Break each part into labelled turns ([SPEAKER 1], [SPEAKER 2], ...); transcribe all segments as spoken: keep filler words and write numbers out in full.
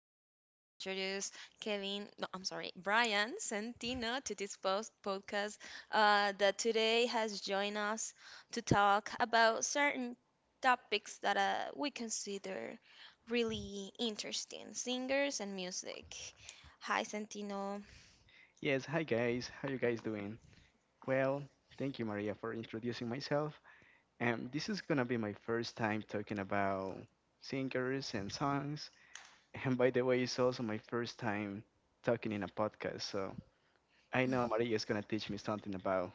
[SPEAKER 1] I'm glad to introduce Kevin, no, I'm sorry, Brian Santino to this post podcast uh, that today has joined us to talk about certain topics that uh, we consider really interesting singers and music. Hi, Santino.
[SPEAKER 2] Yes, hi guys. How you guys doing? Well, thank you Maria for introducing myself. And this is gonna be my first time talking about singers and songs. And by the way, it's also my first time talking in a podcast. So I know Maria is gonna teach me something about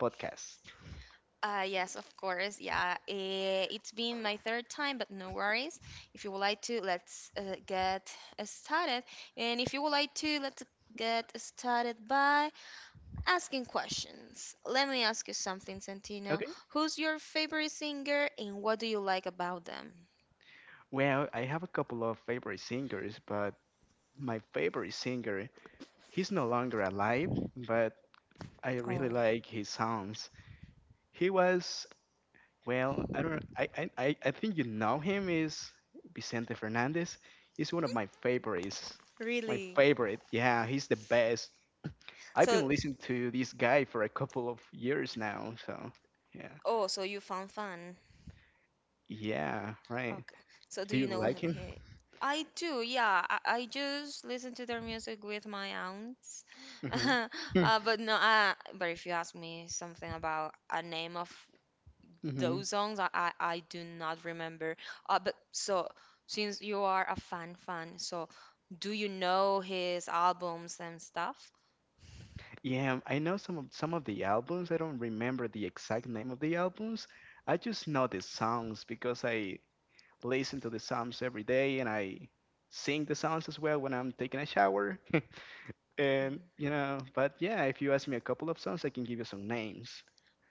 [SPEAKER 2] podcasts.
[SPEAKER 1] Uh, yes, of course. Yeah, eh, it's been my third time, but no worries. If you would like to, let's uh, get uh, started. And if you would like to, let's get started by asking questions. Let me ask you something, Santino.
[SPEAKER 2] Okay.
[SPEAKER 1] Who's your favorite singer and what do you like about them?
[SPEAKER 2] Well, I have a couple of favorite singers, but my favorite singer, he's no longer alive, but I really
[SPEAKER 1] Oh,
[SPEAKER 2] like his songs. He was Well, I don't. I I I I think you know him is Vicente Fernandez. He's one of my favorites. My
[SPEAKER 1] really?
[SPEAKER 2] favorite. Yeah, he's the best. I've
[SPEAKER 1] So,
[SPEAKER 2] been listening to this guy for a couple of years now. So yeah,
[SPEAKER 1] oh, so you found fun.
[SPEAKER 2] yeah, right.
[SPEAKER 1] Okay. So do
[SPEAKER 2] Do you
[SPEAKER 1] you know
[SPEAKER 2] like
[SPEAKER 1] him
[SPEAKER 2] him?
[SPEAKER 1] here? I do, yeah. I, I just listen to their music with my aunts.
[SPEAKER 2] Hmm. Hmm.
[SPEAKER 1] uh, but no, uh, but if you ask me something about a name of
[SPEAKER 2] Mm-hmm.
[SPEAKER 1] those songs, I, I, I do not remember. Uh, but so since you are a fan fan, so do you know his albums and stuff?
[SPEAKER 2] Yeah, I know some of some of the albums. I don't remember the exact name of the albums. I just know the songs because I listen to the psalms every day, and I sing the songs as well when I'm taking a shower. And you know, but yeah, if you ask me a couple of songs, I can give you some names.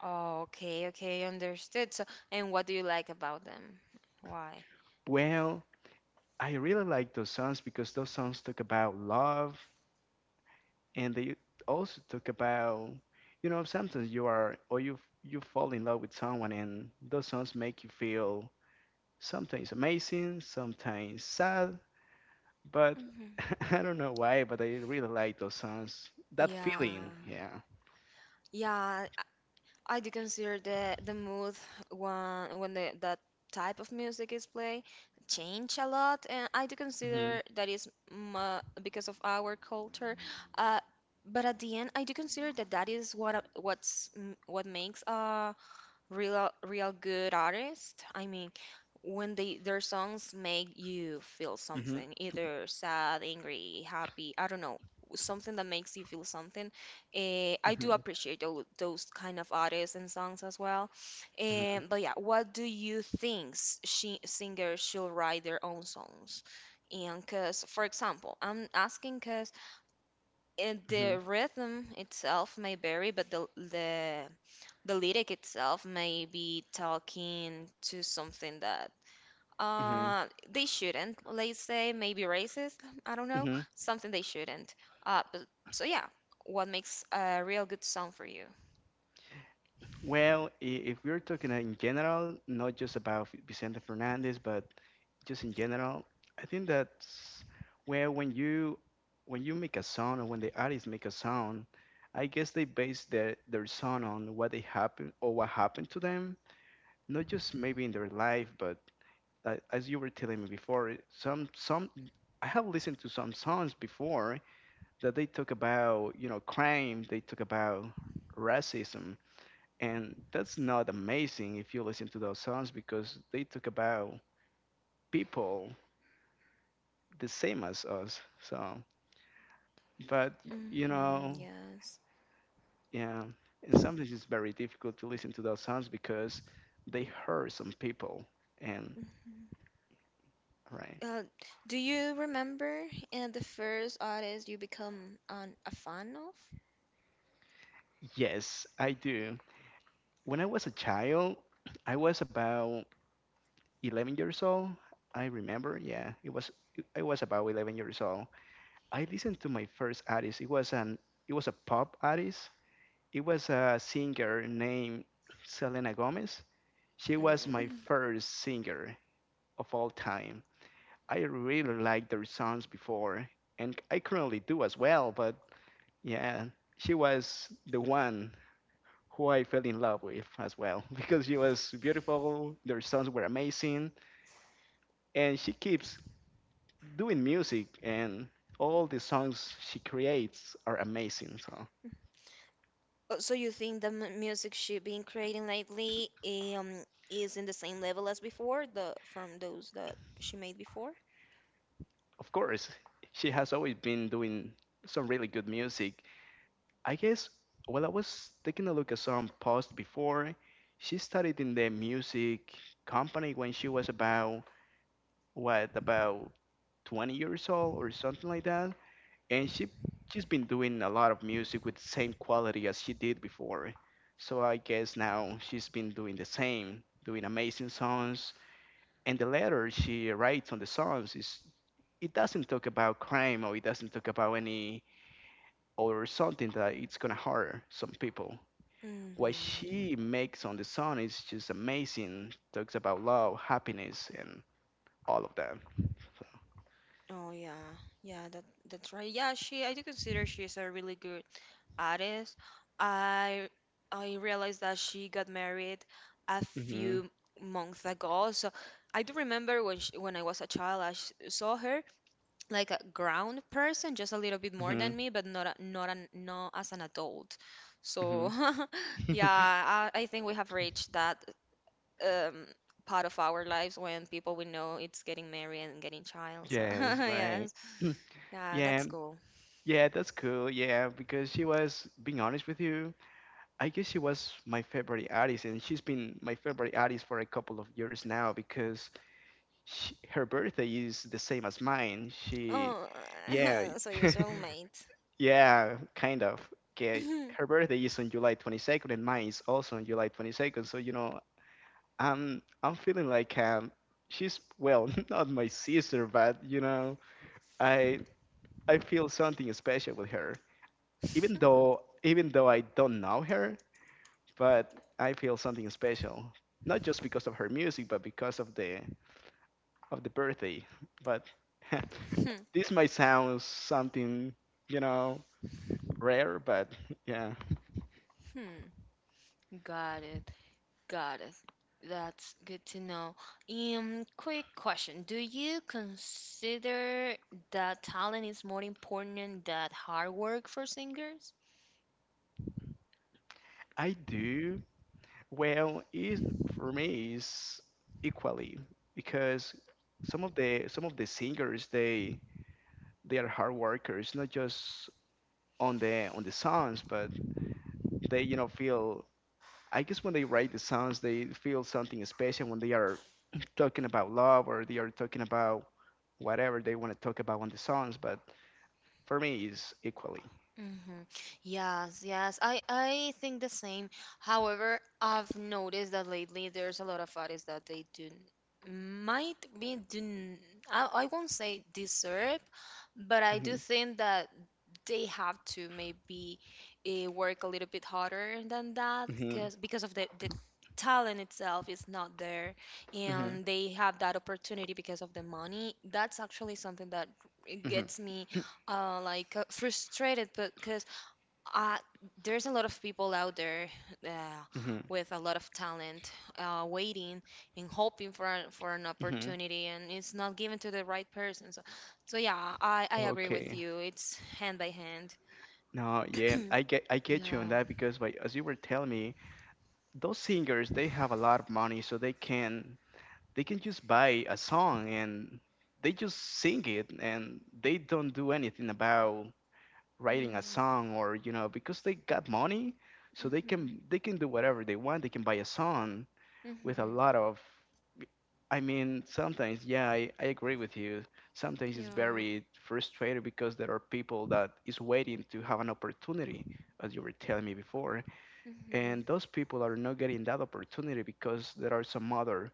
[SPEAKER 1] Oh, okay, okay, understood. So, and what do you like about them? Why?
[SPEAKER 2] Well, I really like those songs because those songs talk about love, and they also talk about, you know, sometimes you are or you you fall in love with someone, and those songs make you feel sometimes amazing, sometimes sad, but
[SPEAKER 1] Mhm.
[SPEAKER 2] I don't know why, but I really like those songs. That feeling,
[SPEAKER 1] Yeah.
[SPEAKER 2] yeah.
[SPEAKER 1] Yeah, I do consider the the mood when when the that type of music is played change a lot, and I do
[SPEAKER 2] Mhm,
[SPEAKER 1] consider that is m- uh, because of our culture. Uh, but at the end, I do consider that that is what a- what's m- what makes a real real good artists. I mean, when they their songs make you feel
[SPEAKER 2] mhm,
[SPEAKER 1] something, either sad, angry, happy, I don't know, something that makes you feel something. Eh, i do
[SPEAKER 2] mhm,
[SPEAKER 1] appreciate those, those kind of artists and songs as well.
[SPEAKER 2] mhm,
[SPEAKER 1] And but yeah, what do you think, s- she, singers should write their own songs? And because for example, I'm asking because and
[SPEAKER 2] mhm,
[SPEAKER 1] the rhythm itself may vary, but the the the lyric itself may be talking to something that
[SPEAKER 2] mhm,
[SPEAKER 1] uh they shouldn't. Let's say maybe racist. I don't know,
[SPEAKER 2] mhm.
[SPEAKER 1] something they shouldn't. Uh, but, so yeah, what makes a real good song for you?
[SPEAKER 2] Well, i- if we're talking uh, in general, not just about F- Vicente Fernandez, but just in general, I think that's where when you when you make a sound, or when the artists make a sound, I guess they base their their sound on what they happen or what happened to them, not just maybe in their life, but uh, as you were telling me before, some some I have listened to some songs before that they talk about, you know crimes, they talk about racism, and that's not amazing if you listen to those songs because they talk about people the same as us. So but you
[SPEAKER 1] Mm-hmm,
[SPEAKER 2] know,
[SPEAKER 1] yes.
[SPEAKER 2] yeah, and sometimes it's very difficult to listen to those songs because they hurt some people, and
[SPEAKER 1] Mhm.
[SPEAKER 2] right,
[SPEAKER 1] Uh, do you remember uh, the first artist you become an, a fan of?
[SPEAKER 2] yes I do. When I was a child, I was about eleven years old, I remember. Yeah, it was I was about eleven years old, I listened to my first artist. It was an it was a pop artist. It was a singer named Selena Gomez. She was my
[SPEAKER 1] Mm.
[SPEAKER 2] first singer of all time. I really liked their songs before, and I currently do as well. But yeah, she was the one who I fell in love with as well because she was beautiful. Their songs were amazing, and she keeps doing music, and all the songs she creates are amazing. So.
[SPEAKER 1] Oh, so you think the m- music she's been creating lately um is in the same level as before, the from those that she made before?
[SPEAKER 2] Of course, she has always been doing some really good music. I guess while I was taking a look at some posts before, she started in the music company when she was about, what, about twenty years old or something like that, and she she's been doing a lot of music with the same quality as she did before. So I guess now she's been doing the same, doing amazing songs, and the letter she writes on the songs is it doesn't talk about crime, or it doesn't talk about any or something that it's gonna hurt some people. What
[SPEAKER 1] Hmm.
[SPEAKER 2] she makes on the song is just amazing. Talks about love, happiness, and all of that.
[SPEAKER 1] Oh yeah, yeah, that that's right. Yeah, she I do consider she's a really good artist. I I realized that she got married a
[SPEAKER 2] Mhm.
[SPEAKER 1] few months ago. So I do remember when she, when I was a child, I s- saw her like a ground person, just a little bit more
[SPEAKER 2] Mhm.
[SPEAKER 1] than me, but not a, not an not as an adult. So
[SPEAKER 2] Mhm.
[SPEAKER 1] yeah, I, I think we have reached that um, part of our lives when people we know it's getting married and getting child. So
[SPEAKER 2] Yes. Right.
[SPEAKER 1] yes,
[SPEAKER 2] Mm,
[SPEAKER 1] yeah,
[SPEAKER 2] yeah.
[SPEAKER 1] that's cool.
[SPEAKER 2] Yeah. That's cool. Yeah. Because she was, being honest with you, I guess she was my favorite artist, and she's been my favorite artist for a couple of years now because sh her birthday is the same as mine. She,
[SPEAKER 1] Oh,
[SPEAKER 2] yeah,
[SPEAKER 1] so your soulmate.
[SPEAKER 2] yeah, kind of. Okay, her birthday is on July twenty-second, and mine is also on July twenty-second. So you know, I'm I'm feeling like, um, she's well, not my sister, but you know, I I feel something special with her, even though even though I don't know her, but I feel something special, not just because of her music, but because of the of the birthday. But
[SPEAKER 1] Hmm.
[SPEAKER 2] this might sound something, you know, rare, but yeah.
[SPEAKER 1] Hmm. Got it. Got it. That's good to know. Um, quick question. Do you consider that talent is more important than hard work for singers?
[SPEAKER 2] I do. Well, is for me is equally because some of the some of the singers they they are hard workers, not just on the on the songs, but they you know feel. I guess when they write the songs, they feel something special when they are talking about love, or they are talking about whatever they want to talk about on the songs. But for me, is equally.
[SPEAKER 1] Mm-hmm. Yes, yes. I I think the same. However, I've noticed that lately there's a lot of artists that they do might be do n- I, I won't say deserve, but I do
[SPEAKER 2] Mhm.
[SPEAKER 1] think that they have to maybe uh, work a little bit harder than that
[SPEAKER 2] Mhm.
[SPEAKER 1] because because of the, the talent itself is not there
[SPEAKER 2] Mhm.
[SPEAKER 1] and they have that opportunity because of the money. That's actually something that it
[SPEAKER 2] Mhm.
[SPEAKER 1] gets me uh, like uh, frustrated because uh, there's a lot of people out there uh,
[SPEAKER 2] Mhm.
[SPEAKER 1] with a lot of talent uh, waiting and hoping for, an- for an
[SPEAKER 2] Mhm.
[SPEAKER 1] opportunity and it's not given to the right person. So, so yeah, I, I agree with
[SPEAKER 2] Okay.
[SPEAKER 1] you, it's hand by hand.
[SPEAKER 2] No, yeah, I get I get you on
[SPEAKER 1] Yeah.
[SPEAKER 2] that because, like, as you were telling me, those singers they have a lot of money, so they can they can just buy a song, and they just sing it, and they don't do anything about writing a
[SPEAKER 1] mm,
[SPEAKER 2] song, or you know because they got money, so they
[SPEAKER 1] mhm.
[SPEAKER 2] can they can do whatever they want. They can buy a song with a
[SPEAKER 1] Mhm.
[SPEAKER 2] lot of I mean, sometimes, yeah, I, I agree with you. Sometimes it's
[SPEAKER 1] Yeah.
[SPEAKER 2] very frustrating because there are people that is waiting to have an opportunity, as you were telling me before,
[SPEAKER 1] Mhm.
[SPEAKER 2] and those people are not getting that opportunity because there are some other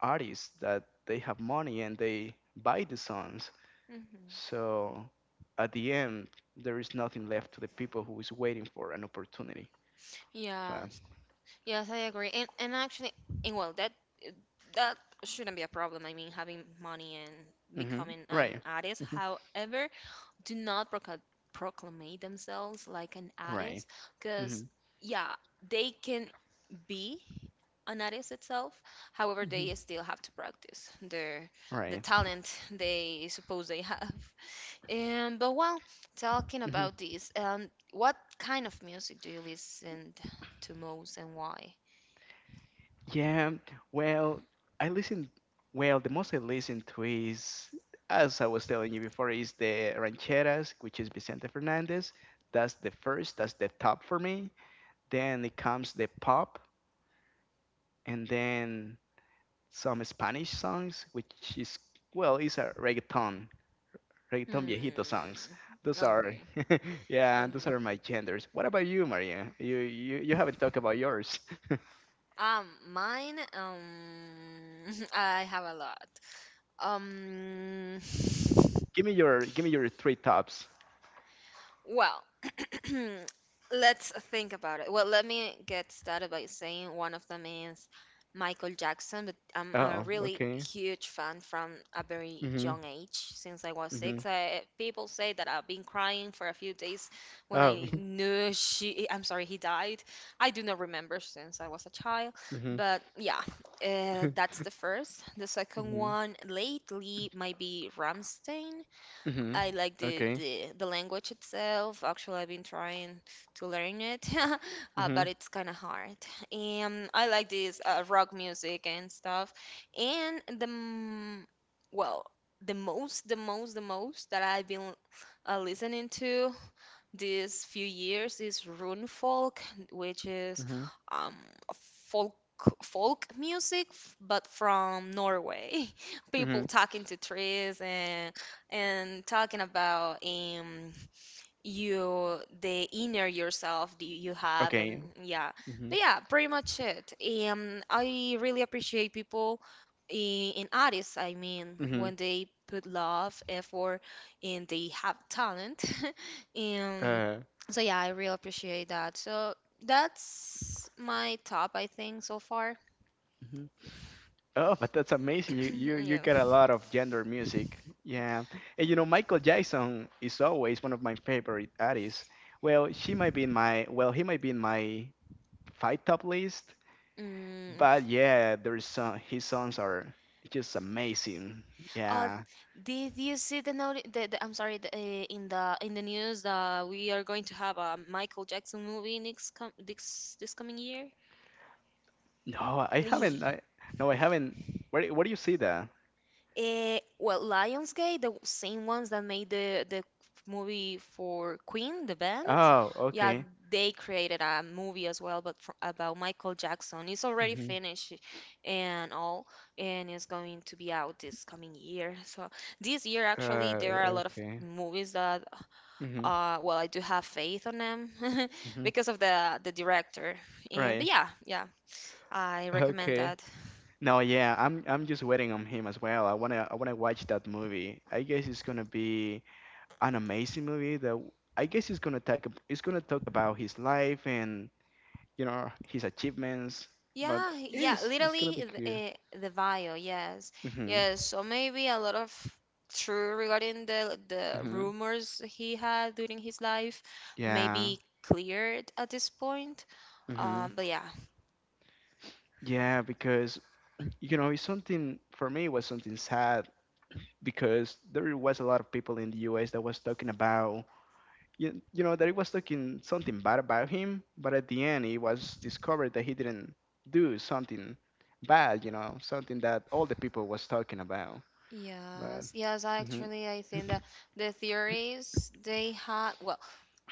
[SPEAKER 2] artists that they have money and they buy the songs.
[SPEAKER 1] Mhm.
[SPEAKER 2] So at the end, there is nothing left to the people who is waiting for an opportunity.
[SPEAKER 1] Yeah.
[SPEAKER 2] But
[SPEAKER 1] Yes, I agree. And and actually, and well, that that shouldn't be a problem. I mean, having money and
[SPEAKER 2] hmm,
[SPEAKER 1] becoming an
[SPEAKER 2] right,
[SPEAKER 1] artist.
[SPEAKER 2] hmm,
[SPEAKER 1] However, do not proca- proclamate themselves like an
[SPEAKER 2] right,
[SPEAKER 1] artist, because
[SPEAKER 2] hmm,
[SPEAKER 1] yeah, they can be an artist itself. However,
[SPEAKER 2] hmm,
[SPEAKER 1] they still have to practice their the
[SPEAKER 2] right.
[SPEAKER 1] talent they suppose they have. And but well, talking about this, um, what kind of music do you listen to most and why?
[SPEAKER 2] Yeah, well, I listen. Well, the most I listen to is, as I was telling you before, is the rancheras, which is Vicente Fernandez. That's the first. That's the top for me. Then it comes the pop, and then some Spanish songs, which is, well, it's a reggaeton, reggaeton viejito
[SPEAKER 1] Hmm.
[SPEAKER 2] songs. Those are,
[SPEAKER 1] Okay.
[SPEAKER 2] yeah, those
[SPEAKER 1] Okay.
[SPEAKER 2] are my genders. What about you, Maria? You you, you haven't talked about yours.
[SPEAKER 1] Um, mine. Um, I have a lot. Um,
[SPEAKER 2] give me your give me your three tops.
[SPEAKER 1] Well, let's think about it. Well, let me get started by saying one of them is Michael Jackson, but I'm a
[SPEAKER 2] Oh,
[SPEAKER 1] really
[SPEAKER 2] okay.
[SPEAKER 1] huge fan from a very
[SPEAKER 2] Mm-hmm.
[SPEAKER 1] young age. Since I was
[SPEAKER 2] Mm-hmm.
[SPEAKER 1] six, I, people say that I've been crying for a few days when
[SPEAKER 2] Oh.
[SPEAKER 1] I knew she, I'm sorry, he died. I do not remember since I was a child,
[SPEAKER 2] Mm-hmm.
[SPEAKER 1] but yeah, uh, that's the first. The second
[SPEAKER 2] Mm-hmm.
[SPEAKER 1] one lately might be Ramstein.
[SPEAKER 2] Mm-hmm.
[SPEAKER 1] I like the,
[SPEAKER 2] Okay.
[SPEAKER 1] the the language itself. Actually, I've been trying to learn it, uh,
[SPEAKER 2] Mm-hmm.
[SPEAKER 1] but it's kind of hard. And I like this uh, rock music and stuff. And the m- well, the most, the most, the most that I've been uh, listening to these few years is rune, which is
[SPEAKER 2] Mm-hmm.
[SPEAKER 1] um, a folk folk music, f- but from Norway. People
[SPEAKER 2] Mm-hmm.
[SPEAKER 1] talking to trees and and talking about um, you the inner yourself that you have. And
[SPEAKER 2] Okay.
[SPEAKER 1] yeah,
[SPEAKER 2] Mm-hmm.
[SPEAKER 1] but yeah, pretty much it. um I really appreciate people in, in artists, I mean,
[SPEAKER 2] Mm-hmm.
[SPEAKER 1] when they put love, effort and they have talent. um
[SPEAKER 2] Uh.
[SPEAKER 1] so yeah, I really appreciate that. So that's my top I think so far.
[SPEAKER 2] Mhm. Oh, but that's amazing. You you you
[SPEAKER 1] Yeah,
[SPEAKER 2] get a lot of gender music. Yeah. And
[SPEAKER 1] yeah.
[SPEAKER 2] you know, Michael Jackson is always one of my favorite artists. Well, she might be in my well, he might be in my five top list.
[SPEAKER 1] Mm.
[SPEAKER 2] But yeah, there's some his songs are just amazing.
[SPEAKER 1] Uh,
[SPEAKER 2] Yeah.
[SPEAKER 1] did you see the note? The, the, I'm sorry. The, uh, in the In the news, that we are going to have a Michael Jackson movie next com- this this coming year.
[SPEAKER 2] No, I
[SPEAKER 1] Uh,
[SPEAKER 2] haven't. I no, I haven't. Where where do you see that?
[SPEAKER 1] well, Lionsgate, the same ones that made the the movie for Queen, the band,
[SPEAKER 2] Oh,
[SPEAKER 1] yeah,
[SPEAKER 2] okay.
[SPEAKER 1] they created a movie as well, but for, about Michael Jackson. It's already
[SPEAKER 2] Hmm.
[SPEAKER 1] finished and all, and it's going to be out this coming year. So this year, actually, there are a
[SPEAKER 2] Uh,
[SPEAKER 1] lot of
[SPEAKER 2] okay.
[SPEAKER 1] movies that
[SPEAKER 2] Hmm.
[SPEAKER 1] uh, well, I do have faith on them
[SPEAKER 2] Hmm.
[SPEAKER 1] because of the the director. And but
[SPEAKER 2] Right.
[SPEAKER 1] yeah, yeah, I recommend
[SPEAKER 2] Okay.
[SPEAKER 1] that.
[SPEAKER 2] No, yeah, I'm I'm just waiting on him as well. I wanna I wanna watch that movie. I guess it's gonna be an amazing movie that w- I guess it's gonna talk ab- it's gonna talk about his life and you know his achievements. But
[SPEAKER 1] Yeah, yeah,
[SPEAKER 2] it's it's gonna be
[SPEAKER 1] literally
[SPEAKER 2] cute.
[SPEAKER 1] the, the bio. Yes,
[SPEAKER 2] Hmm.
[SPEAKER 1] yes. So maybe a lot of true regarding the the
[SPEAKER 2] Hmm.
[SPEAKER 1] rumors he had during his life,
[SPEAKER 2] Yeah.
[SPEAKER 1] maybe cleared at this point.
[SPEAKER 2] Hmm.
[SPEAKER 1] Um, but yeah,
[SPEAKER 2] Yeah, because you know it's something, for me it was something sad because there was a lot of people in the U S that was talking about you, you know that it was talking something bad about him, but at the end it was discovered that he didn't do something bad, you know something that all the people was talking about. But
[SPEAKER 1] yes, yes,
[SPEAKER 2] hmm,
[SPEAKER 1] actually, I think that the theories they had, well,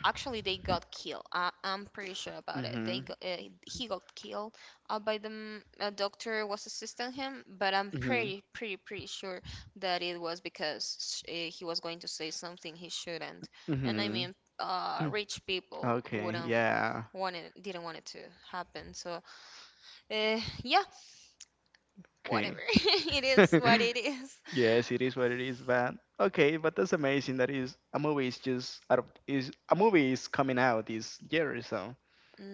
[SPEAKER 1] actually, they got killed. I, I'm pretty sure about it. They
[SPEAKER 2] hmm,
[SPEAKER 1] got, uh, he got killed uh, by the m- a doctor was assisting him, but I'm
[SPEAKER 2] hmm,
[SPEAKER 1] pretty, pretty, pretty sure that it was because uh, he was going to say something he shouldn't. And I
[SPEAKER 2] hmm,
[SPEAKER 1] mean, uh, rich people
[SPEAKER 2] okay,
[SPEAKER 1] wouldn't
[SPEAKER 2] yeah,
[SPEAKER 1] want it, didn't want it to happen. So, uh, yeah, whatever.
[SPEAKER 2] okay.
[SPEAKER 1] It is what it is.
[SPEAKER 2] Yes, it is what it is, but okay, but that's amazing that is a movie is just out of is a movie is coming out this year, so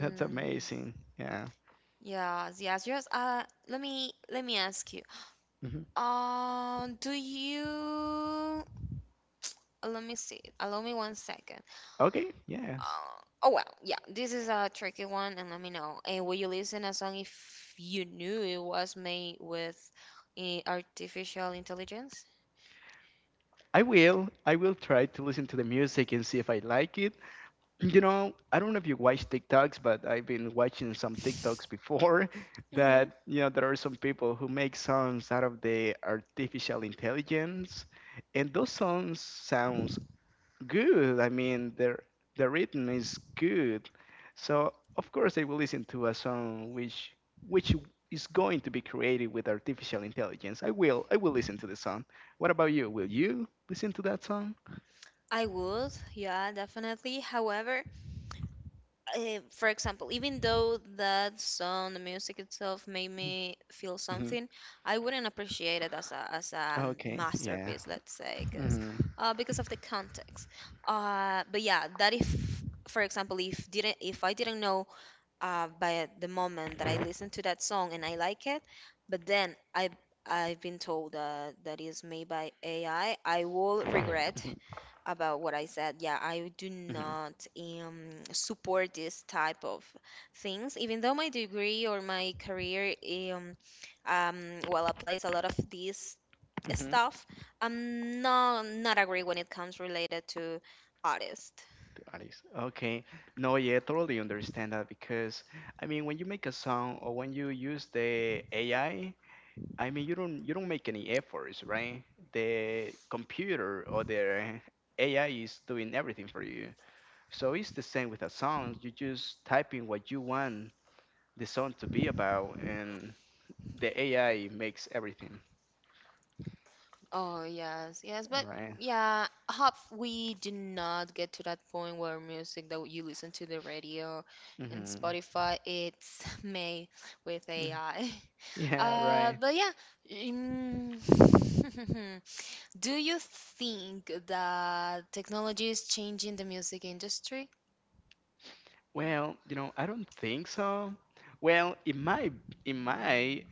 [SPEAKER 2] that's amazing. Yeah.
[SPEAKER 1] Yes, yes, yes. Uh, let me let me ask you.
[SPEAKER 2] Hmm.
[SPEAKER 1] Uh, do you? uh, Let me see. Allow me one second.
[SPEAKER 2] Okay, yes.
[SPEAKER 1] Uh, oh well, yeah. This is a tricky one, and let me know. And will you listen a song if you knew it was made with uh, artificial intelligence?
[SPEAKER 2] I will. I will try to listen to the music and see if I like it. You know, I don't know if you watch TikToks, but I've been watching some TikToks before
[SPEAKER 1] Mm-hmm.
[SPEAKER 2] that, you know, there are some people who make songs out of the artificial intelligence, and those songs sounds good. I mean, their the rhythm is good. So of course they will listen to a song which which is going to be created with artificial intelligence. I will I will listen to the song. What about you? Will you listen to that song?
[SPEAKER 1] I would, yeah, definitely. However, uh, for example, even though that song, the music itself made me feel
[SPEAKER 2] Hmm.
[SPEAKER 1] something, I wouldn't appreciate it as a as a um,
[SPEAKER 2] Okay. Yeah.
[SPEAKER 1] masterpiece, let's say, because
[SPEAKER 2] Hmm.
[SPEAKER 1] uh, because of the context. Uh, but yeah, that if, for example, if didn't if I didn't know uh, by the moment that I listened to that song and I like it, but then I I've been told uh, that is made by A I, I I will regret
[SPEAKER 2] Hmm.
[SPEAKER 1] about what I said. Yeah, I do
[SPEAKER 2] Hmm.
[SPEAKER 1] not um, support this type of things, even though my degree or my career, um, um, well, applies a lot of these
[SPEAKER 2] Hmm.
[SPEAKER 1] stuff. I'm not not agree when it comes related to artists.
[SPEAKER 2] To Alice. Okay. No, yeah, totally understand that because I mean when you make a song or when you use the AI, I mean, you don't you don't make any efforts, right? The computer or the A I is doing everything for you. So it's the same with a song. You just type in what you want the song to be about, and the A I makes everything.
[SPEAKER 1] Oh, yes, yes,
[SPEAKER 2] All
[SPEAKER 1] but
[SPEAKER 2] right.
[SPEAKER 1] yeah, hope we do not get to that point where music that you listen to the radio and
[SPEAKER 2] Mm-hmm.
[SPEAKER 1] Spotify it's made with
[SPEAKER 2] Mm.
[SPEAKER 1] A I.
[SPEAKER 2] Yeah.
[SPEAKER 1] Uh,
[SPEAKER 2] Right.
[SPEAKER 1] but yeah, um, do you think that technology is changing the music industry?
[SPEAKER 2] Well, you know, I don't think so. Well, it might it might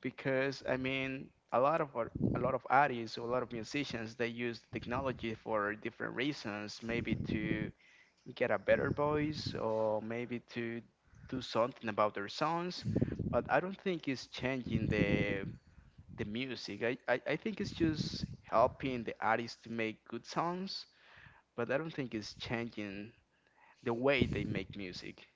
[SPEAKER 2] because I mean a lot of our, a lot of artists or a lot of musicians they use technology for different reasons, maybe to get a better voice or maybe to do something about their sounds, but I don't think it's changing the the music. I, I, I think it's just helping the artists to make good songs, but I don't think it's changing the way they make music,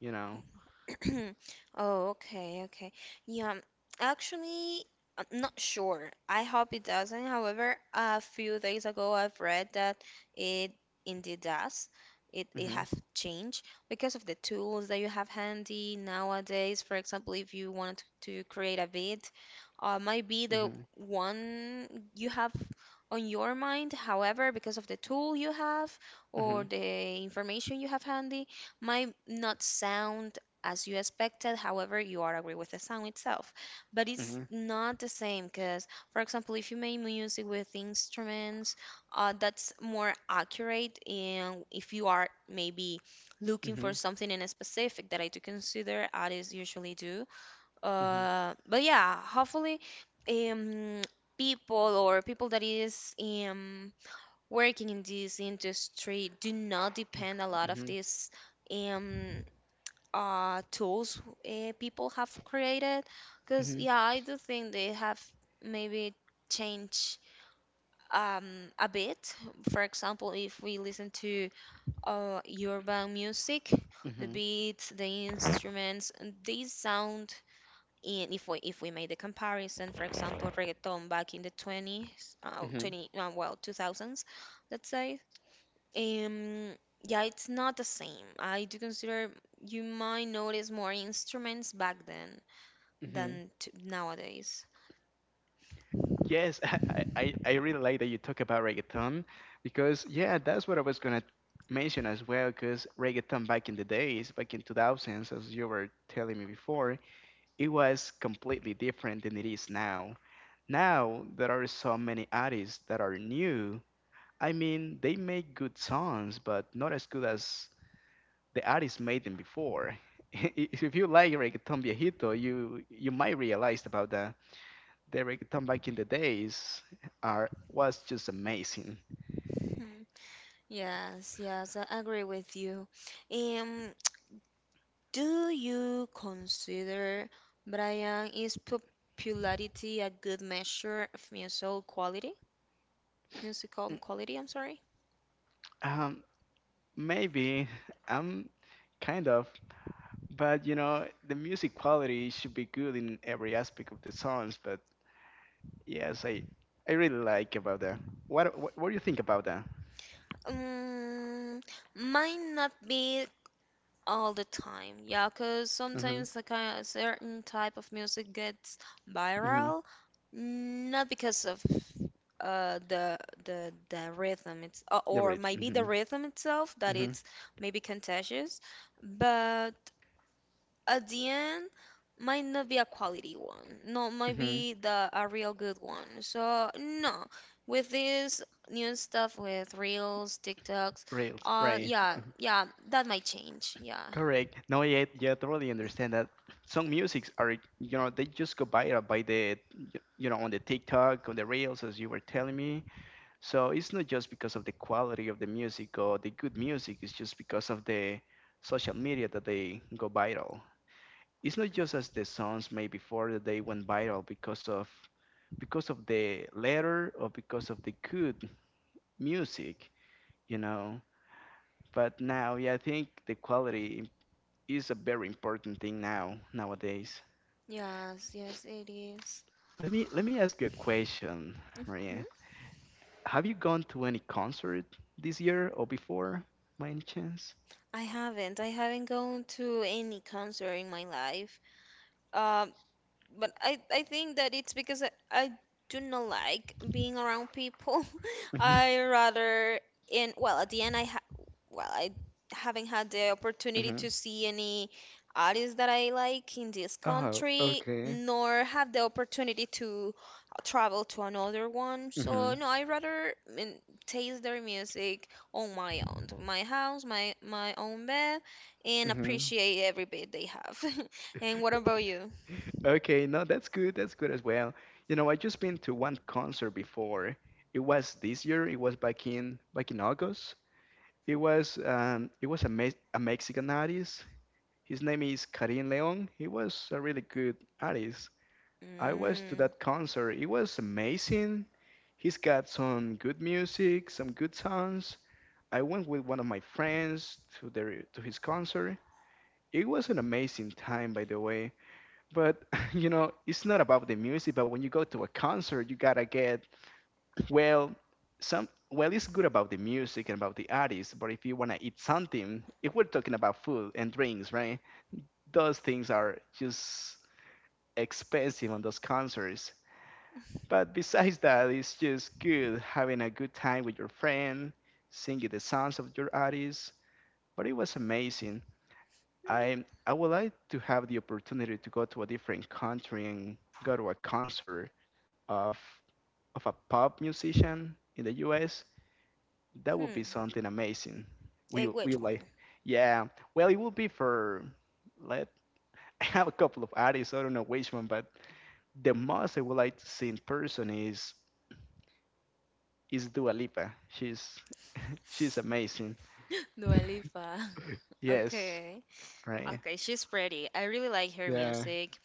[SPEAKER 2] you know.
[SPEAKER 1] Oh, okay, okay. Yeah, um, actually, I'm not sure. I hope it doesn't. However, a few days ago, I've read that it indeed does. It it
[SPEAKER 2] Mhm.
[SPEAKER 1] have changed because of the tools that you have handy nowadays. For example, if you wanted to create a beat, uh, might be the
[SPEAKER 2] Mhm.
[SPEAKER 1] one you have on your mind. However, because of the tool you have or
[SPEAKER 2] Mhm.
[SPEAKER 1] the information you have handy, might not sound as you expected. However, you are agree with the sound itself, but it's
[SPEAKER 2] Mhm.
[SPEAKER 1] not the same. Because, for example, if you make music with instruments, uh, that's more accurate. And if you are maybe looking for
[SPEAKER 2] Mhm.
[SPEAKER 1] something in a specific that I do consider artists usually do,
[SPEAKER 2] Mhm.
[SPEAKER 1] uh but yeah, hopefully um people, or people that is um working in this industry, do not depend a lot of
[SPEAKER 2] Mhm.
[SPEAKER 1] these um uh tools uh, people have created, because
[SPEAKER 2] Mhm.
[SPEAKER 1] yeah, I do think they have maybe changed um a bit. For example, if we listen to uh urban music, the
[SPEAKER 2] Mm-hmm.
[SPEAKER 1] beats, the instruments, they sound. And if we if we made the comparison, for example, reggaeton back in the twenties, uh,
[SPEAKER 2] Mm-hmm.
[SPEAKER 1] twenty uh, well two thousands, let's say, um, yeah, it's not the same. I do consider you might notice more instruments back then
[SPEAKER 2] Mm-hmm.
[SPEAKER 1] than t- nowadays.
[SPEAKER 2] Yes, I, I, I really like that you talk about reggaeton because, yeah, that's what I was going to mention as well. Because reggaeton back in the days, back in two thousands, as you were telling me before, it was completely different than it is now. Now, there are so many artists that are new. I mean, they make good songs, but not as good as the artists made them before. If you like reggaeton viejito, you you might realize about that. The reggaeton back in the days are was just amazing.
[SPEAKER 1] Hmm. Yes, yes, I agree with you. Um, do you consider Brian is popularity a good measure of musical quality? Musical
[SPEAKER 2] Mm,
[SPEAKER 1] quality, I'm sorry.
[SPEAKER 2] Um, maybe I'm kind of, but you know, the music quality should be good in every aspect of the songs. But yes, I I really like about that. What what, what do you think about that?
[SPEAKER 1] Um, might not be all the time, yeah, because
[SPEAKER 2] Mm-hmm.
[SPEAKER 1] sometimes like a certain type of music gets
[SPEAKER 2] Mm-hmm.
[SPEAKER 1] viral, not because of uh the the the rhythm. It's uh,
[SPEAKER 2] The
[SPEAKER 1] or
[SPEAKER 2] read.
[SPEAKER 1] maybe the
[SPEAKER 2] Mm-hmm.
[SPEAKER 1] rhythm itself, that
[SPEAKER 2] Mm-hmm.
[SPEAKER 1] it's maybe contagious, but at the end might not be a quality one. No, might
[SPEAKER 2] Mm-hmm.
[SPEAKER 1] be the a real good one. So no, with this new stuff with reels, TikToks,
[SPEAKER 2] Reels.
[SPEAKER 1] uh,
[SPEAKER 2] Right.
[SPEAKER 1] yeah, yeah, that might change. Yeah,
[SPEAKER 2] Correct. No, yeah, yeah, totally understand that some musics are, you know, they just go viral by the, y- you know, on the TikTok, on the reels, as you were telling me. So it's not just because of the quality of the music or the good music. It's just because of the social media that they go viral. It's not just as the songs made before that they went viral because of, because of the letter or because of the good music, you know. But now, yeah, I think the quality is a very important thing now nowadays.
[SPEAKER 1] yes, yes, it is.
[SPEAKER 2] Let me let me ask you a question,
[SPEAKER 1] Mm-hmm.
[SPEAKER 2] Maria. Have you gone to any concert this year or before, by any chance?
[SPEAKER 1] I haven't. I haven't gone to any concert in my life. Um, but I, I think that it's because I, I do not like being around people.
[SPEAKER 2] Mhm,
[SPEAKER 1] I rather in well at the end, I ha well I haven't had the opportunity
[SPEAKER 2] mhm.
[SPEAKER 1] to see any artists that I like in this
[SPEAKER 2] Oh,
[SPEAKER 1] country,
[SPEAKER 2] okay.
[SPEAKER 1] nor have the opportunity to uh, travel to another one. So
[SPEAKER 2] hmm
[SPEAKER 1] no, I rather mm, taste their music on my own, my house, my my own bed, and
[SPEAKER 2] hmm
[SPEAKER 1] appreciate every bit they have. And what about you?
[SPEAKER 2] Okay, no, that's good. That's good as well. You know, I just been to one concert before. It was this year. It was back in back in August. It was um, it was a, me a Mexican artist. His name is Karim Leon. He was a really good artist. I was to
[SPEAKER 1] Mm.
[SPEAKER 2] that concert. It was amazing. He's got some good music, some good songs. I went with one of my friends to their to his concert. It was an amazing time, by the way. But you know, it's not about the music. But when you go to a concert, you gotta get well. Some well, it's good about the music and about the artist. But if you wanna eat something, if we're talking about food and drinks, right? Those things are just expensive on those concerts. But besides that, it's just good having a good time with your friend, singing the songs of your artists. But it was amazing. I I would like to have the opportunity to go to a different country and go to a concert of of a pop musician in the U S. That would be
[SPEAKER 1] Hmm.
[SPEAKER 2] something amazing. We
[SPEAKER 1] Like
[SPEAKER 2] we
[SPEAKER 1] which
[SPEAKER 2] like,
[SPEAKER 1] one?
[SPEAKER 2] yeah. Well, it would be for let. I have a couple of artists. So I don't know which one, but the most I would like to see in person is is Dua Lipa. She's she's amazing.
[SPEAKER 1] Dua Lipa.
[SPEAKER 2] Yes,
[SPEAKER 1] Okay.
[SPEAKER 2] right.
[SPEAKER 1] Okay, she's pretty. I really like her
[SPEAKER 2] Yeah,
[SPEAKER 1] music.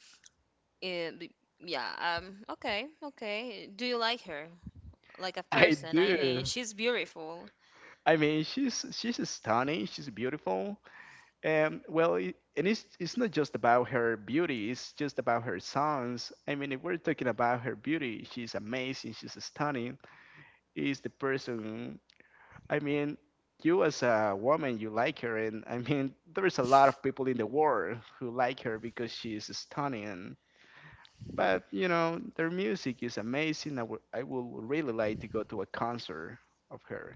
[SPEAKER 1] Eh, b Yeah, um, okay, okay. Do you like her? Like a
[SPEAKER 2] I
[SPEAKER 1] person, I mean,
[SPEAKER 2] do.
[SPEAKER 1] she's beautiful.
[SPEAKER 2] I mean, she's she's stunning. She's beautiful. And well, it, and it's it's not just about her beauty. It's just about her songs. I mean, if we're talking about her beauty, she's amazing. She's stunning. Is the person. I mean, you as a woman, you like her, and I mean, there's a lot of people in the world who like her because she's stunning. But you know, their music is amazing. I would I would really like to go to a concert of her.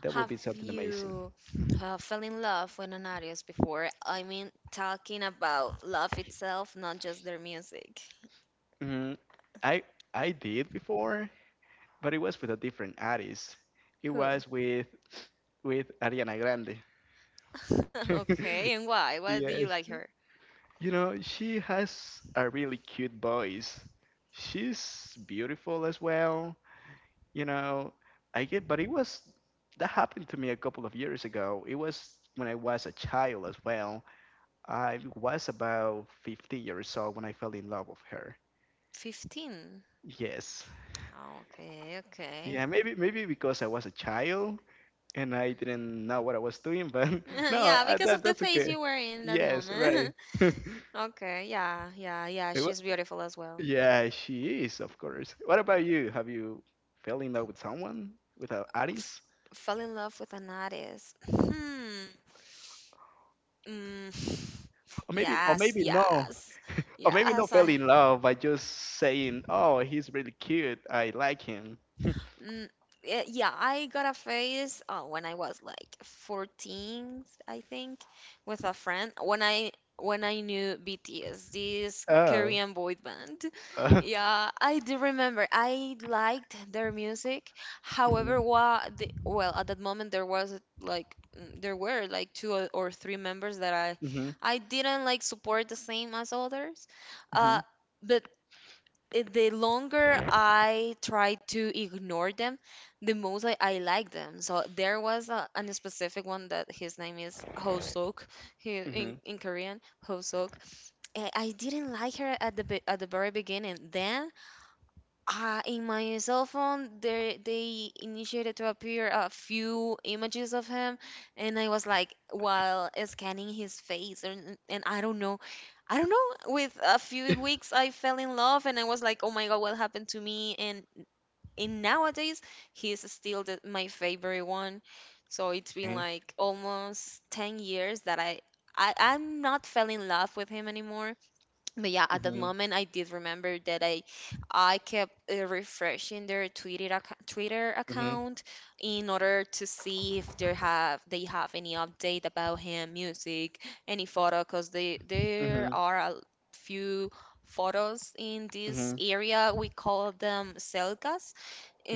[SPEAKER 2] That would
[SPEAKER 1] Have
[SPEAKER 2] be something amazing.
[SPEAKER 1] you uh, fell in love with an artist before? I mean, talking about love itself, not just their music.
[SPEAKER 2] Hmm I I did before, but it was with a different artist. It
[SPEAKER 1] Huh.
[SPEAKER 2] was with with Ariana Grande.
[SPEAKER 1] Okay, and why? Why do you
[SPEAKER 2] Yes.
[SPEAKER 1] like her?
[SPEAKER 2] You know, she has a really cute voice. She's beautiful as well. You know, I get, but it was, that happened to me a couple of years ago. It was when I was a child as well. I was about fifty years old when I fell in love with her.
[SPEAKER 1] fifteen.
[SPEAKER 2] Yes.
[SPEAKER 1] Okay, okay.
[SPEAKER 2] Yeah, maybe maybe because I was a child and I didn't know what I was doing, but no,
[SPEAKER 1] yeah,
[SPEAKER 2] uh
[SPEAKER 1] because
[SPEAKER 2] that
[SPEAKER 1] of the
[SPEAKER 2] that's
[SPEAKER 1] phase
[SPEAKER 2] okay.
[SPEAKER 1] you were in that
[SPEAKER 2] Yes, right.
[SPEAKER 1] moment. Okay, yeah, yeah, yeah.
[SPEAKER 2] It wa-
[SPEAKER 1] She's beautiful as well.
[SPEAKER 2] yeah, she is, of course. What about you? Have you fell in love with someone, with a
[SPEAKER 1] F-
[SPEAKER 2] artist?
[SPEAKER 1] Fell in love with an artist. Hmm. Mm.
[SPEAKER 2] Or maybe or
[SPEAKER 1] Yes,
[SPEAKER 2] maybe no.
[SPEAKER 1] yes,
[SPEAKER 2] Or maybe
[SPEAKER 1] yes.
[SPEAKER 2] not
[SPEAKER 1] I
[SPEAKER 2] fell in love by just saying, "Oh, he's really cute. I like him."
[SPEAKER 1] Mm, eh, yeah, I got a phase uh, when I was like fourteen, I think, with a friend when I when I knew B T S, this
[SPEAKER 2] Oh.
[SPEAKER 1] Korean boy band. Yeah, I do remember. I liked their music. However, wa the, well, at that moment there was like, mm, there were like two or or three members that I
[SPEAKER 2] Mhm.
[SPEAKER 1] I didn't like support the same as others.
[SPEAKER 2] Mhm.
[SPEAKER 1] Uh, but i- the longer I try to ignore them, the most I, I like them. So there was a, an specific one that his name is Hosok. He, in,
[SPEAKER 2] Mhm.
[SPEAKER 1] in Korean, Hosok. I, I didn't like her at the be- at the very beginning. Then uh, in my cell phone, there they initiated to appear a few images of him, and I was like, while scanning his face, and, and I don't know, I don't know. With a few weeks, I fell in love, and I was like, oh my god, what happened to me? And and nowadays, he's still the, my favorite one. So it's been
[SPEAKER 2] Okay.
[SPEAKER 1] like almost ten years that I, I I'm not fell in love with him anymore, but yeah, at that
[SPEAKER 2] Mhm.
[SPEAKER 1] moment I did remember that i i kept uh, refreshing their twitter acc- twitter
[SPEAKER 2] Mhm.
[SPEAKER 1] account in order to see if they have they have any update about him music, any photo, because they there
[SPEAKER 2] Mhm.
[SPEAKER 1] are a few photos in this
[SPEAKER 2] Mhm.
[SPEAKER 1] area we call them selgas,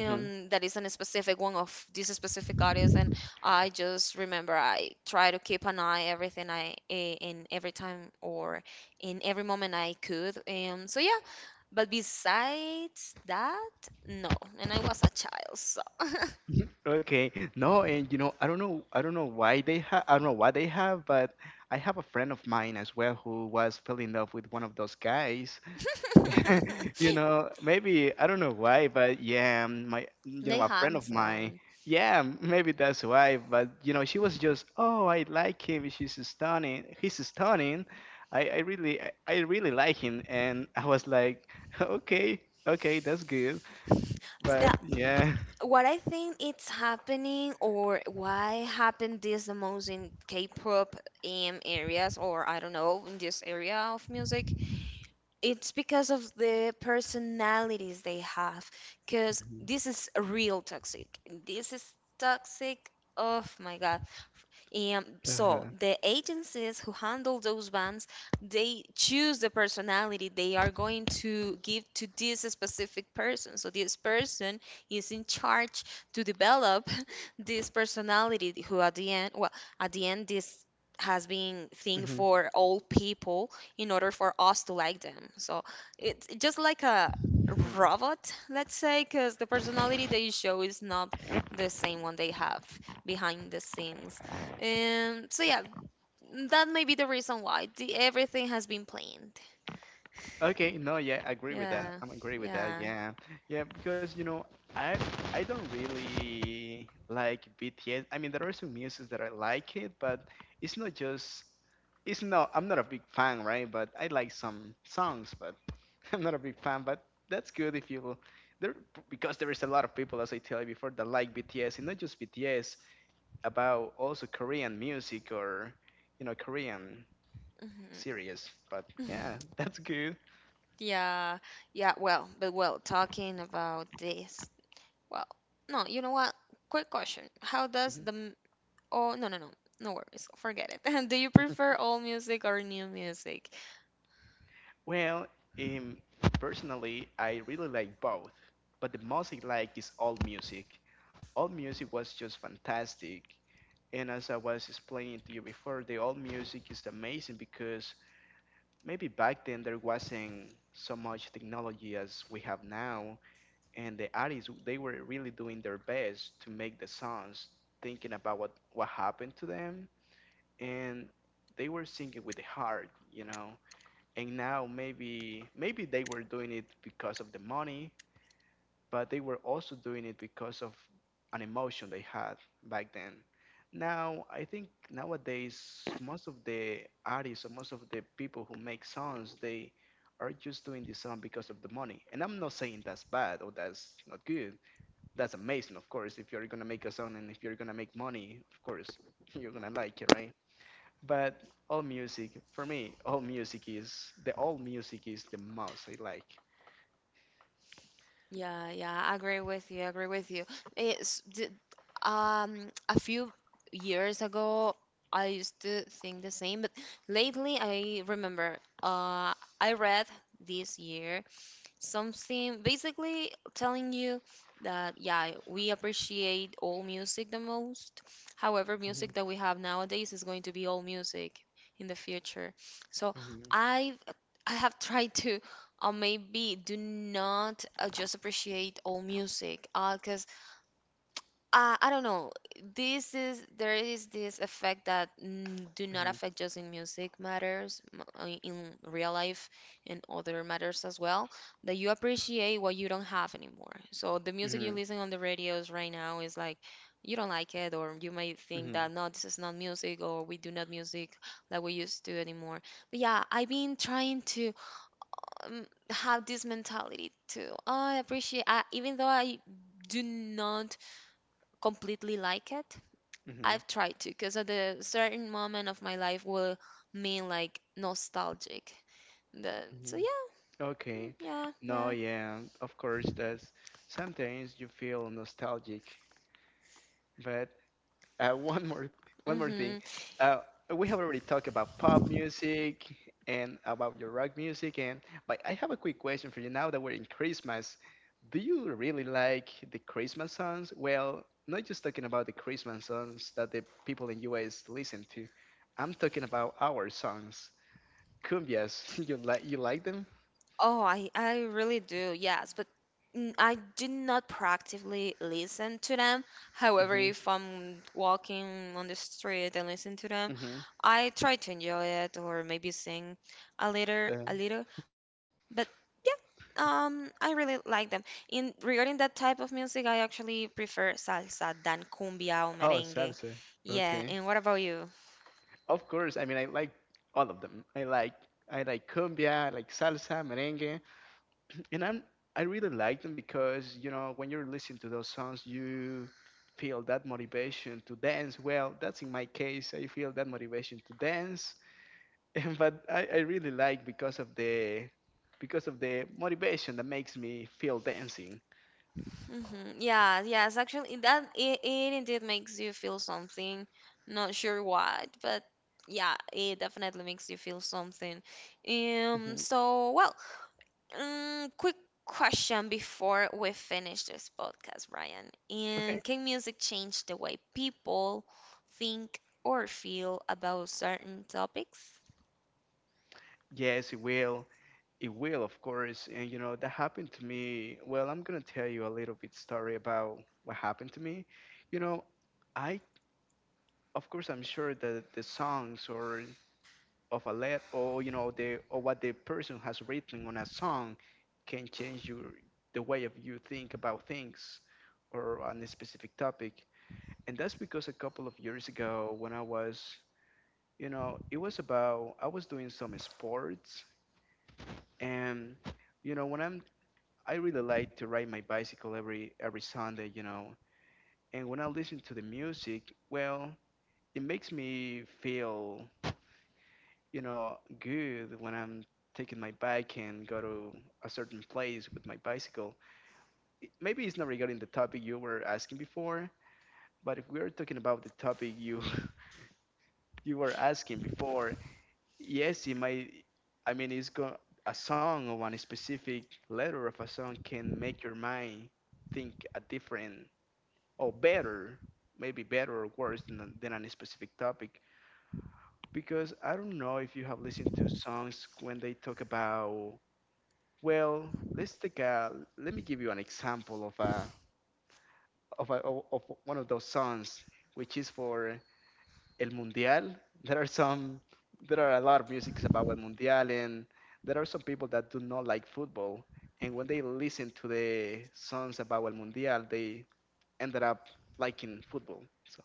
[SPEAKER 2] Mhm.
[SPEAKER 1] that is a specific one of this specific artist. And I just remember I try to keep an eye everything i eh, in every time or in every moment I could, um so yeah. But besides that, no, and I was a child, so
[SPEAKER 2] Okay. No, and you know, I don't know, I don't know why they have, I don't know why they have, but I have a friend of mine as well who was fell in love with one of those guys, you know, maybe I don't know why, but yeah, um, my you
[SPEAKER 1] they
[SPEAKER 2] know, a friend of mine.
[SPEAKER 1] handsome,
[SPEAKER 2] Yeah, maybe that's why. But you know, she was just, oh, I like him. She's stunning. He's stunning. I, I really, I, I really like him. And I was like, okay, okay, that's good. But
[SPEAKER 1] yeah.
[SPEAKER 2] yeah.
[SPEAKER 1] What I think it's happening, or why happened this the most in k-pop um, areas, or I don't know, in this area of music, it's because of the personalities they have, because this is real toxic. This is toxic. Oh my god. And so
[SPEAKER 2] Uh-huh.
[SPEAKER 1] the agencies who handle those bands, they choose the personality they are going to give to this specific person, so this person is in charge to develop this personality, who at the end, well at the end this has been thing
[SPEAKER 2] hmm
[SPEAKER 1] for all people in order for us to like them. So it's just like a robot, let's say, because the personality
[SPEAKER 2] hmm
[SPEAKER 1] they show is not the same one they have behind the scenes. And so, yeah, that may be the reason why the, everything has been planned.
[SPEAKER 2] Okay, no, yeah, I agree with that.
[SPEAKER 1] Yeah,
[SPEAKER 2] I'm agree with that.
[SPEAKER 1] yeah.
[SPEAKER 2] Yeah, yeah, because you know, I I don't really like B T S. I mean, there are some music that I like it, but it's not just it's not. I'm not a big fan, right? But I like some songs, but I'm not a big fan. But that's good if you there because there is a lot of people, as I tell you before, that like B T S and not just B T S, about also Korean music or you know Korean
[SPEAKER 1] Mhm.
[SPEAKER 2] series. But yeah, that's good.
[SPEAKER 1] Yeah, yeah, well, but well, talking about this, well, no, you know what? Quick question. How does
[SPEAKER 2] Mm-hmm.
[SPEAKER 1] the Oh, no, no, no. No worries. Forget it. Do you prefer old music or new music?
[SPEAKER 2] Well, um, personally, I really like both, but the most I like is old music. Old music was just fantastic, and as I was explaining to you before, the old music is amazing because maybe back then there wasn't so much technology as we have now, and the artists they were really doing their best to make the songs, thinking about what what happened to them, and they were singing with the heart. You know and now, maybe maybe they were doing it because of the money, but they were also doing it because of an emotion they had back then. Now, I think nowadays most of the artists or most of the people who make songs they are just doing the song because of the money, and I'm not saying that's bad or that's not good. That's amazing, of course. If you're gonna make a song and if you're gonna make money, of course you're gonna like it, right? But all music, for me, all music is the all music is the most I like.
[SPEAKER 1] Yeah, yeah, I agree with you. I agree with you. It's d- um a few years ago I used to think the same, but lately I remember, uh I read this year something basically telling you that yeah, we appreciate all music the most. However,
[SPEAKER 2] Mhm,
[SPEAKER 1] music that we have nowadays is going to be all music in the future. So
[SPEAKER 2] mhm,
[SPEAKER 1] I I have tried to, or maybe do not uh, just appreciate all music, because uh, I don't know, this is there is this effect that, mm, do not
[SPEAKER 2] mhm,
[SPEAKER 1] affect just in music matters, m- uh, in real life and other matters as well, that you appreciate what you don't have anymore. So the music you
[SPEAKER 2] mhm,
[SPEAKER 1] listen on the radios right now is like you don't like it, or you might think
[SPEAKER 2] mhm,
[SPEAKER 1] that no, this is not music, or we do not music like we used to anymore. But yeah, I've been trying to um, have this mentality too. I appreciate, I, even though I do not completely like it,
[SPEAKER 2] mhm,
[SPEAKER 1] I've tried to, because at a certain moment of my life will mean like nostalgic. The, so
[SPEAKER 2] mhm.
[SPEAKER 1] yeah, mm,
[SPEAKER 2] Okay.
[SPEAKER 1] yeah,
[SPEAKER 2] No,
[SPEAKER 1] yeah.
[SPEAKER 2] yeah, of course, that's sometimes you feel nostalgic, but Uh, one more, one more thing.
[SPEAKER 1] Hmm.
[SPEAKER 2] Uh, we have already talked about pop music and about your rock music, and but I have a quick question for you. Now that we're in Christmas, do you really like the Christmas songs? Well, not just talking about the Christmas songs that the people in U S listen to. I'm talking about our songs, cumbias. You like you like them?
[SPEAKER 1] Oh, I, I really do, yes, but mm, I do not proactively listen to them. However,
[SPEAKER 2] Mm-hmm.
[SPEAKER 1] if I'm walking on the street and listen to them,
[SPEAKER 2] Mm-hmm.
[SPEAKER 1] I try to enjoy it or maybe sing a little,
[SPEAKER 2] Uh,
[SPEAKER 1] a little. But yeah, um, I really like them. In regarding that type of music, I actually prefer salsa than cumbia or
[SPEAKER 2] oh,
[SPEAKER 1] merengue.
[SPEAKER 2] salsa.
[SPEAKER 1] Yeah,
[SPEAKER 2] Okay.
[SPEAKER 1] and what about you?
[SPEAKER 2] Of course, I mean I like all of them. I like I like cumbia, I like salsa, merengue, and I'm I really like them because you know when you're listening to those songs, you feel that motivation to dance. Well, that's in my case. I feel that motivation to dance, but I, I really like because of the because of the motivation that makes me feel dancing.
[SPEAKER 1] Mm-hmm. Yeah, yes, actually, it- that it, it indeed makes you feel something, not sure what, but yeah, it definitely makes you feel something. Um,
[SPEAKER 2] Mhm.
[SPEAKER 1] so, well, um, Quick question before we finish this podcast, Brian.
[SPEAKER 2] Okay.
[SPEAKER 1] And can music change the way people think or feel about certain topics?
[SPEAKER 2] Yes, it will. It will, of course. And you know, that happened to me. Well, I'm gonna tell you a little bit story about what happened to me. You know, I of course I'm sure that the songs or of a let or you know the or what the person has written on a song can change your the way of you think about things or on a specific topic. And that's because a couple of years ago when I was you know, it was about I was doing some sports and you know when I'm I really like to ride my bicycle every every Sunday, you know. And when I listen to the music, well, it makes me feel, you know, good when I'm taking my bike and go to a certain place with my bicycle. It, maybe it's not regarding the topic you were asking before, but if we are talking about the topic you you were asking before, yes, it might. I mean, it's go a song or one specific letter of a song can make your mind think a different or better, maybe better or worse than, a- than any specific topic. Because I don't know if you have listened to songs when they talk about, well, let's take a, let me give you an example of a, of a, o- of one of those songs, which is for El Mundial. There are some, there are a lot of musics about El Mundial, and there are some people that do not like football. And when they listen to the songs about El Mundial, they ended up liking football. So.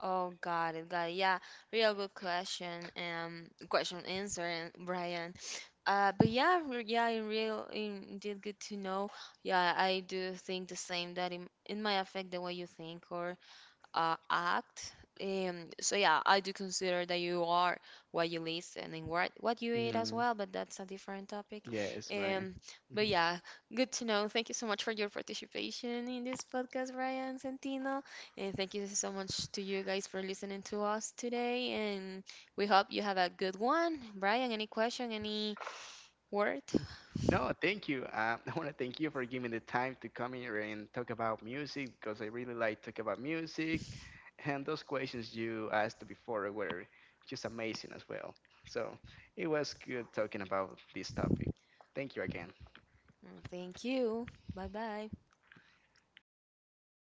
[SPEAKER 1] Oh, got it, got it. Yeah, real good question and question answer, and Brian. Uh, but yeah, re- yeah, in real, in- indeed, good to know. Yeah, I do think the same, that it, it might affect the way you think or uh, act. And so yeah, I do consider that you are what you listen and what what you eat as
[SPEAKER 2] Mhm.
[SPEAKER 1] well, but that's a different topic.
[SPEAKER 2] Yes, right.
[SPEAKER 1] Um, but
[SPEAKER 2] Mhm.
[SPEAKER 1] yeah, good to know. Thank you so much for your participation in this podcast, Ryan Santino, and thank you so much to you guys for listening to us today. And we hope you have a good one, Brian. Any question? Any word?
[SPEAKER 2] No, thank you. Uh, I want to thank you for giving the time to come here and talk about music because I really like talk about music, and those questions you asked before were just amazing as well. So it was good talking about this topic. Thank you again.
[SPEAKER 1] Mm, Thank you. Bye bye.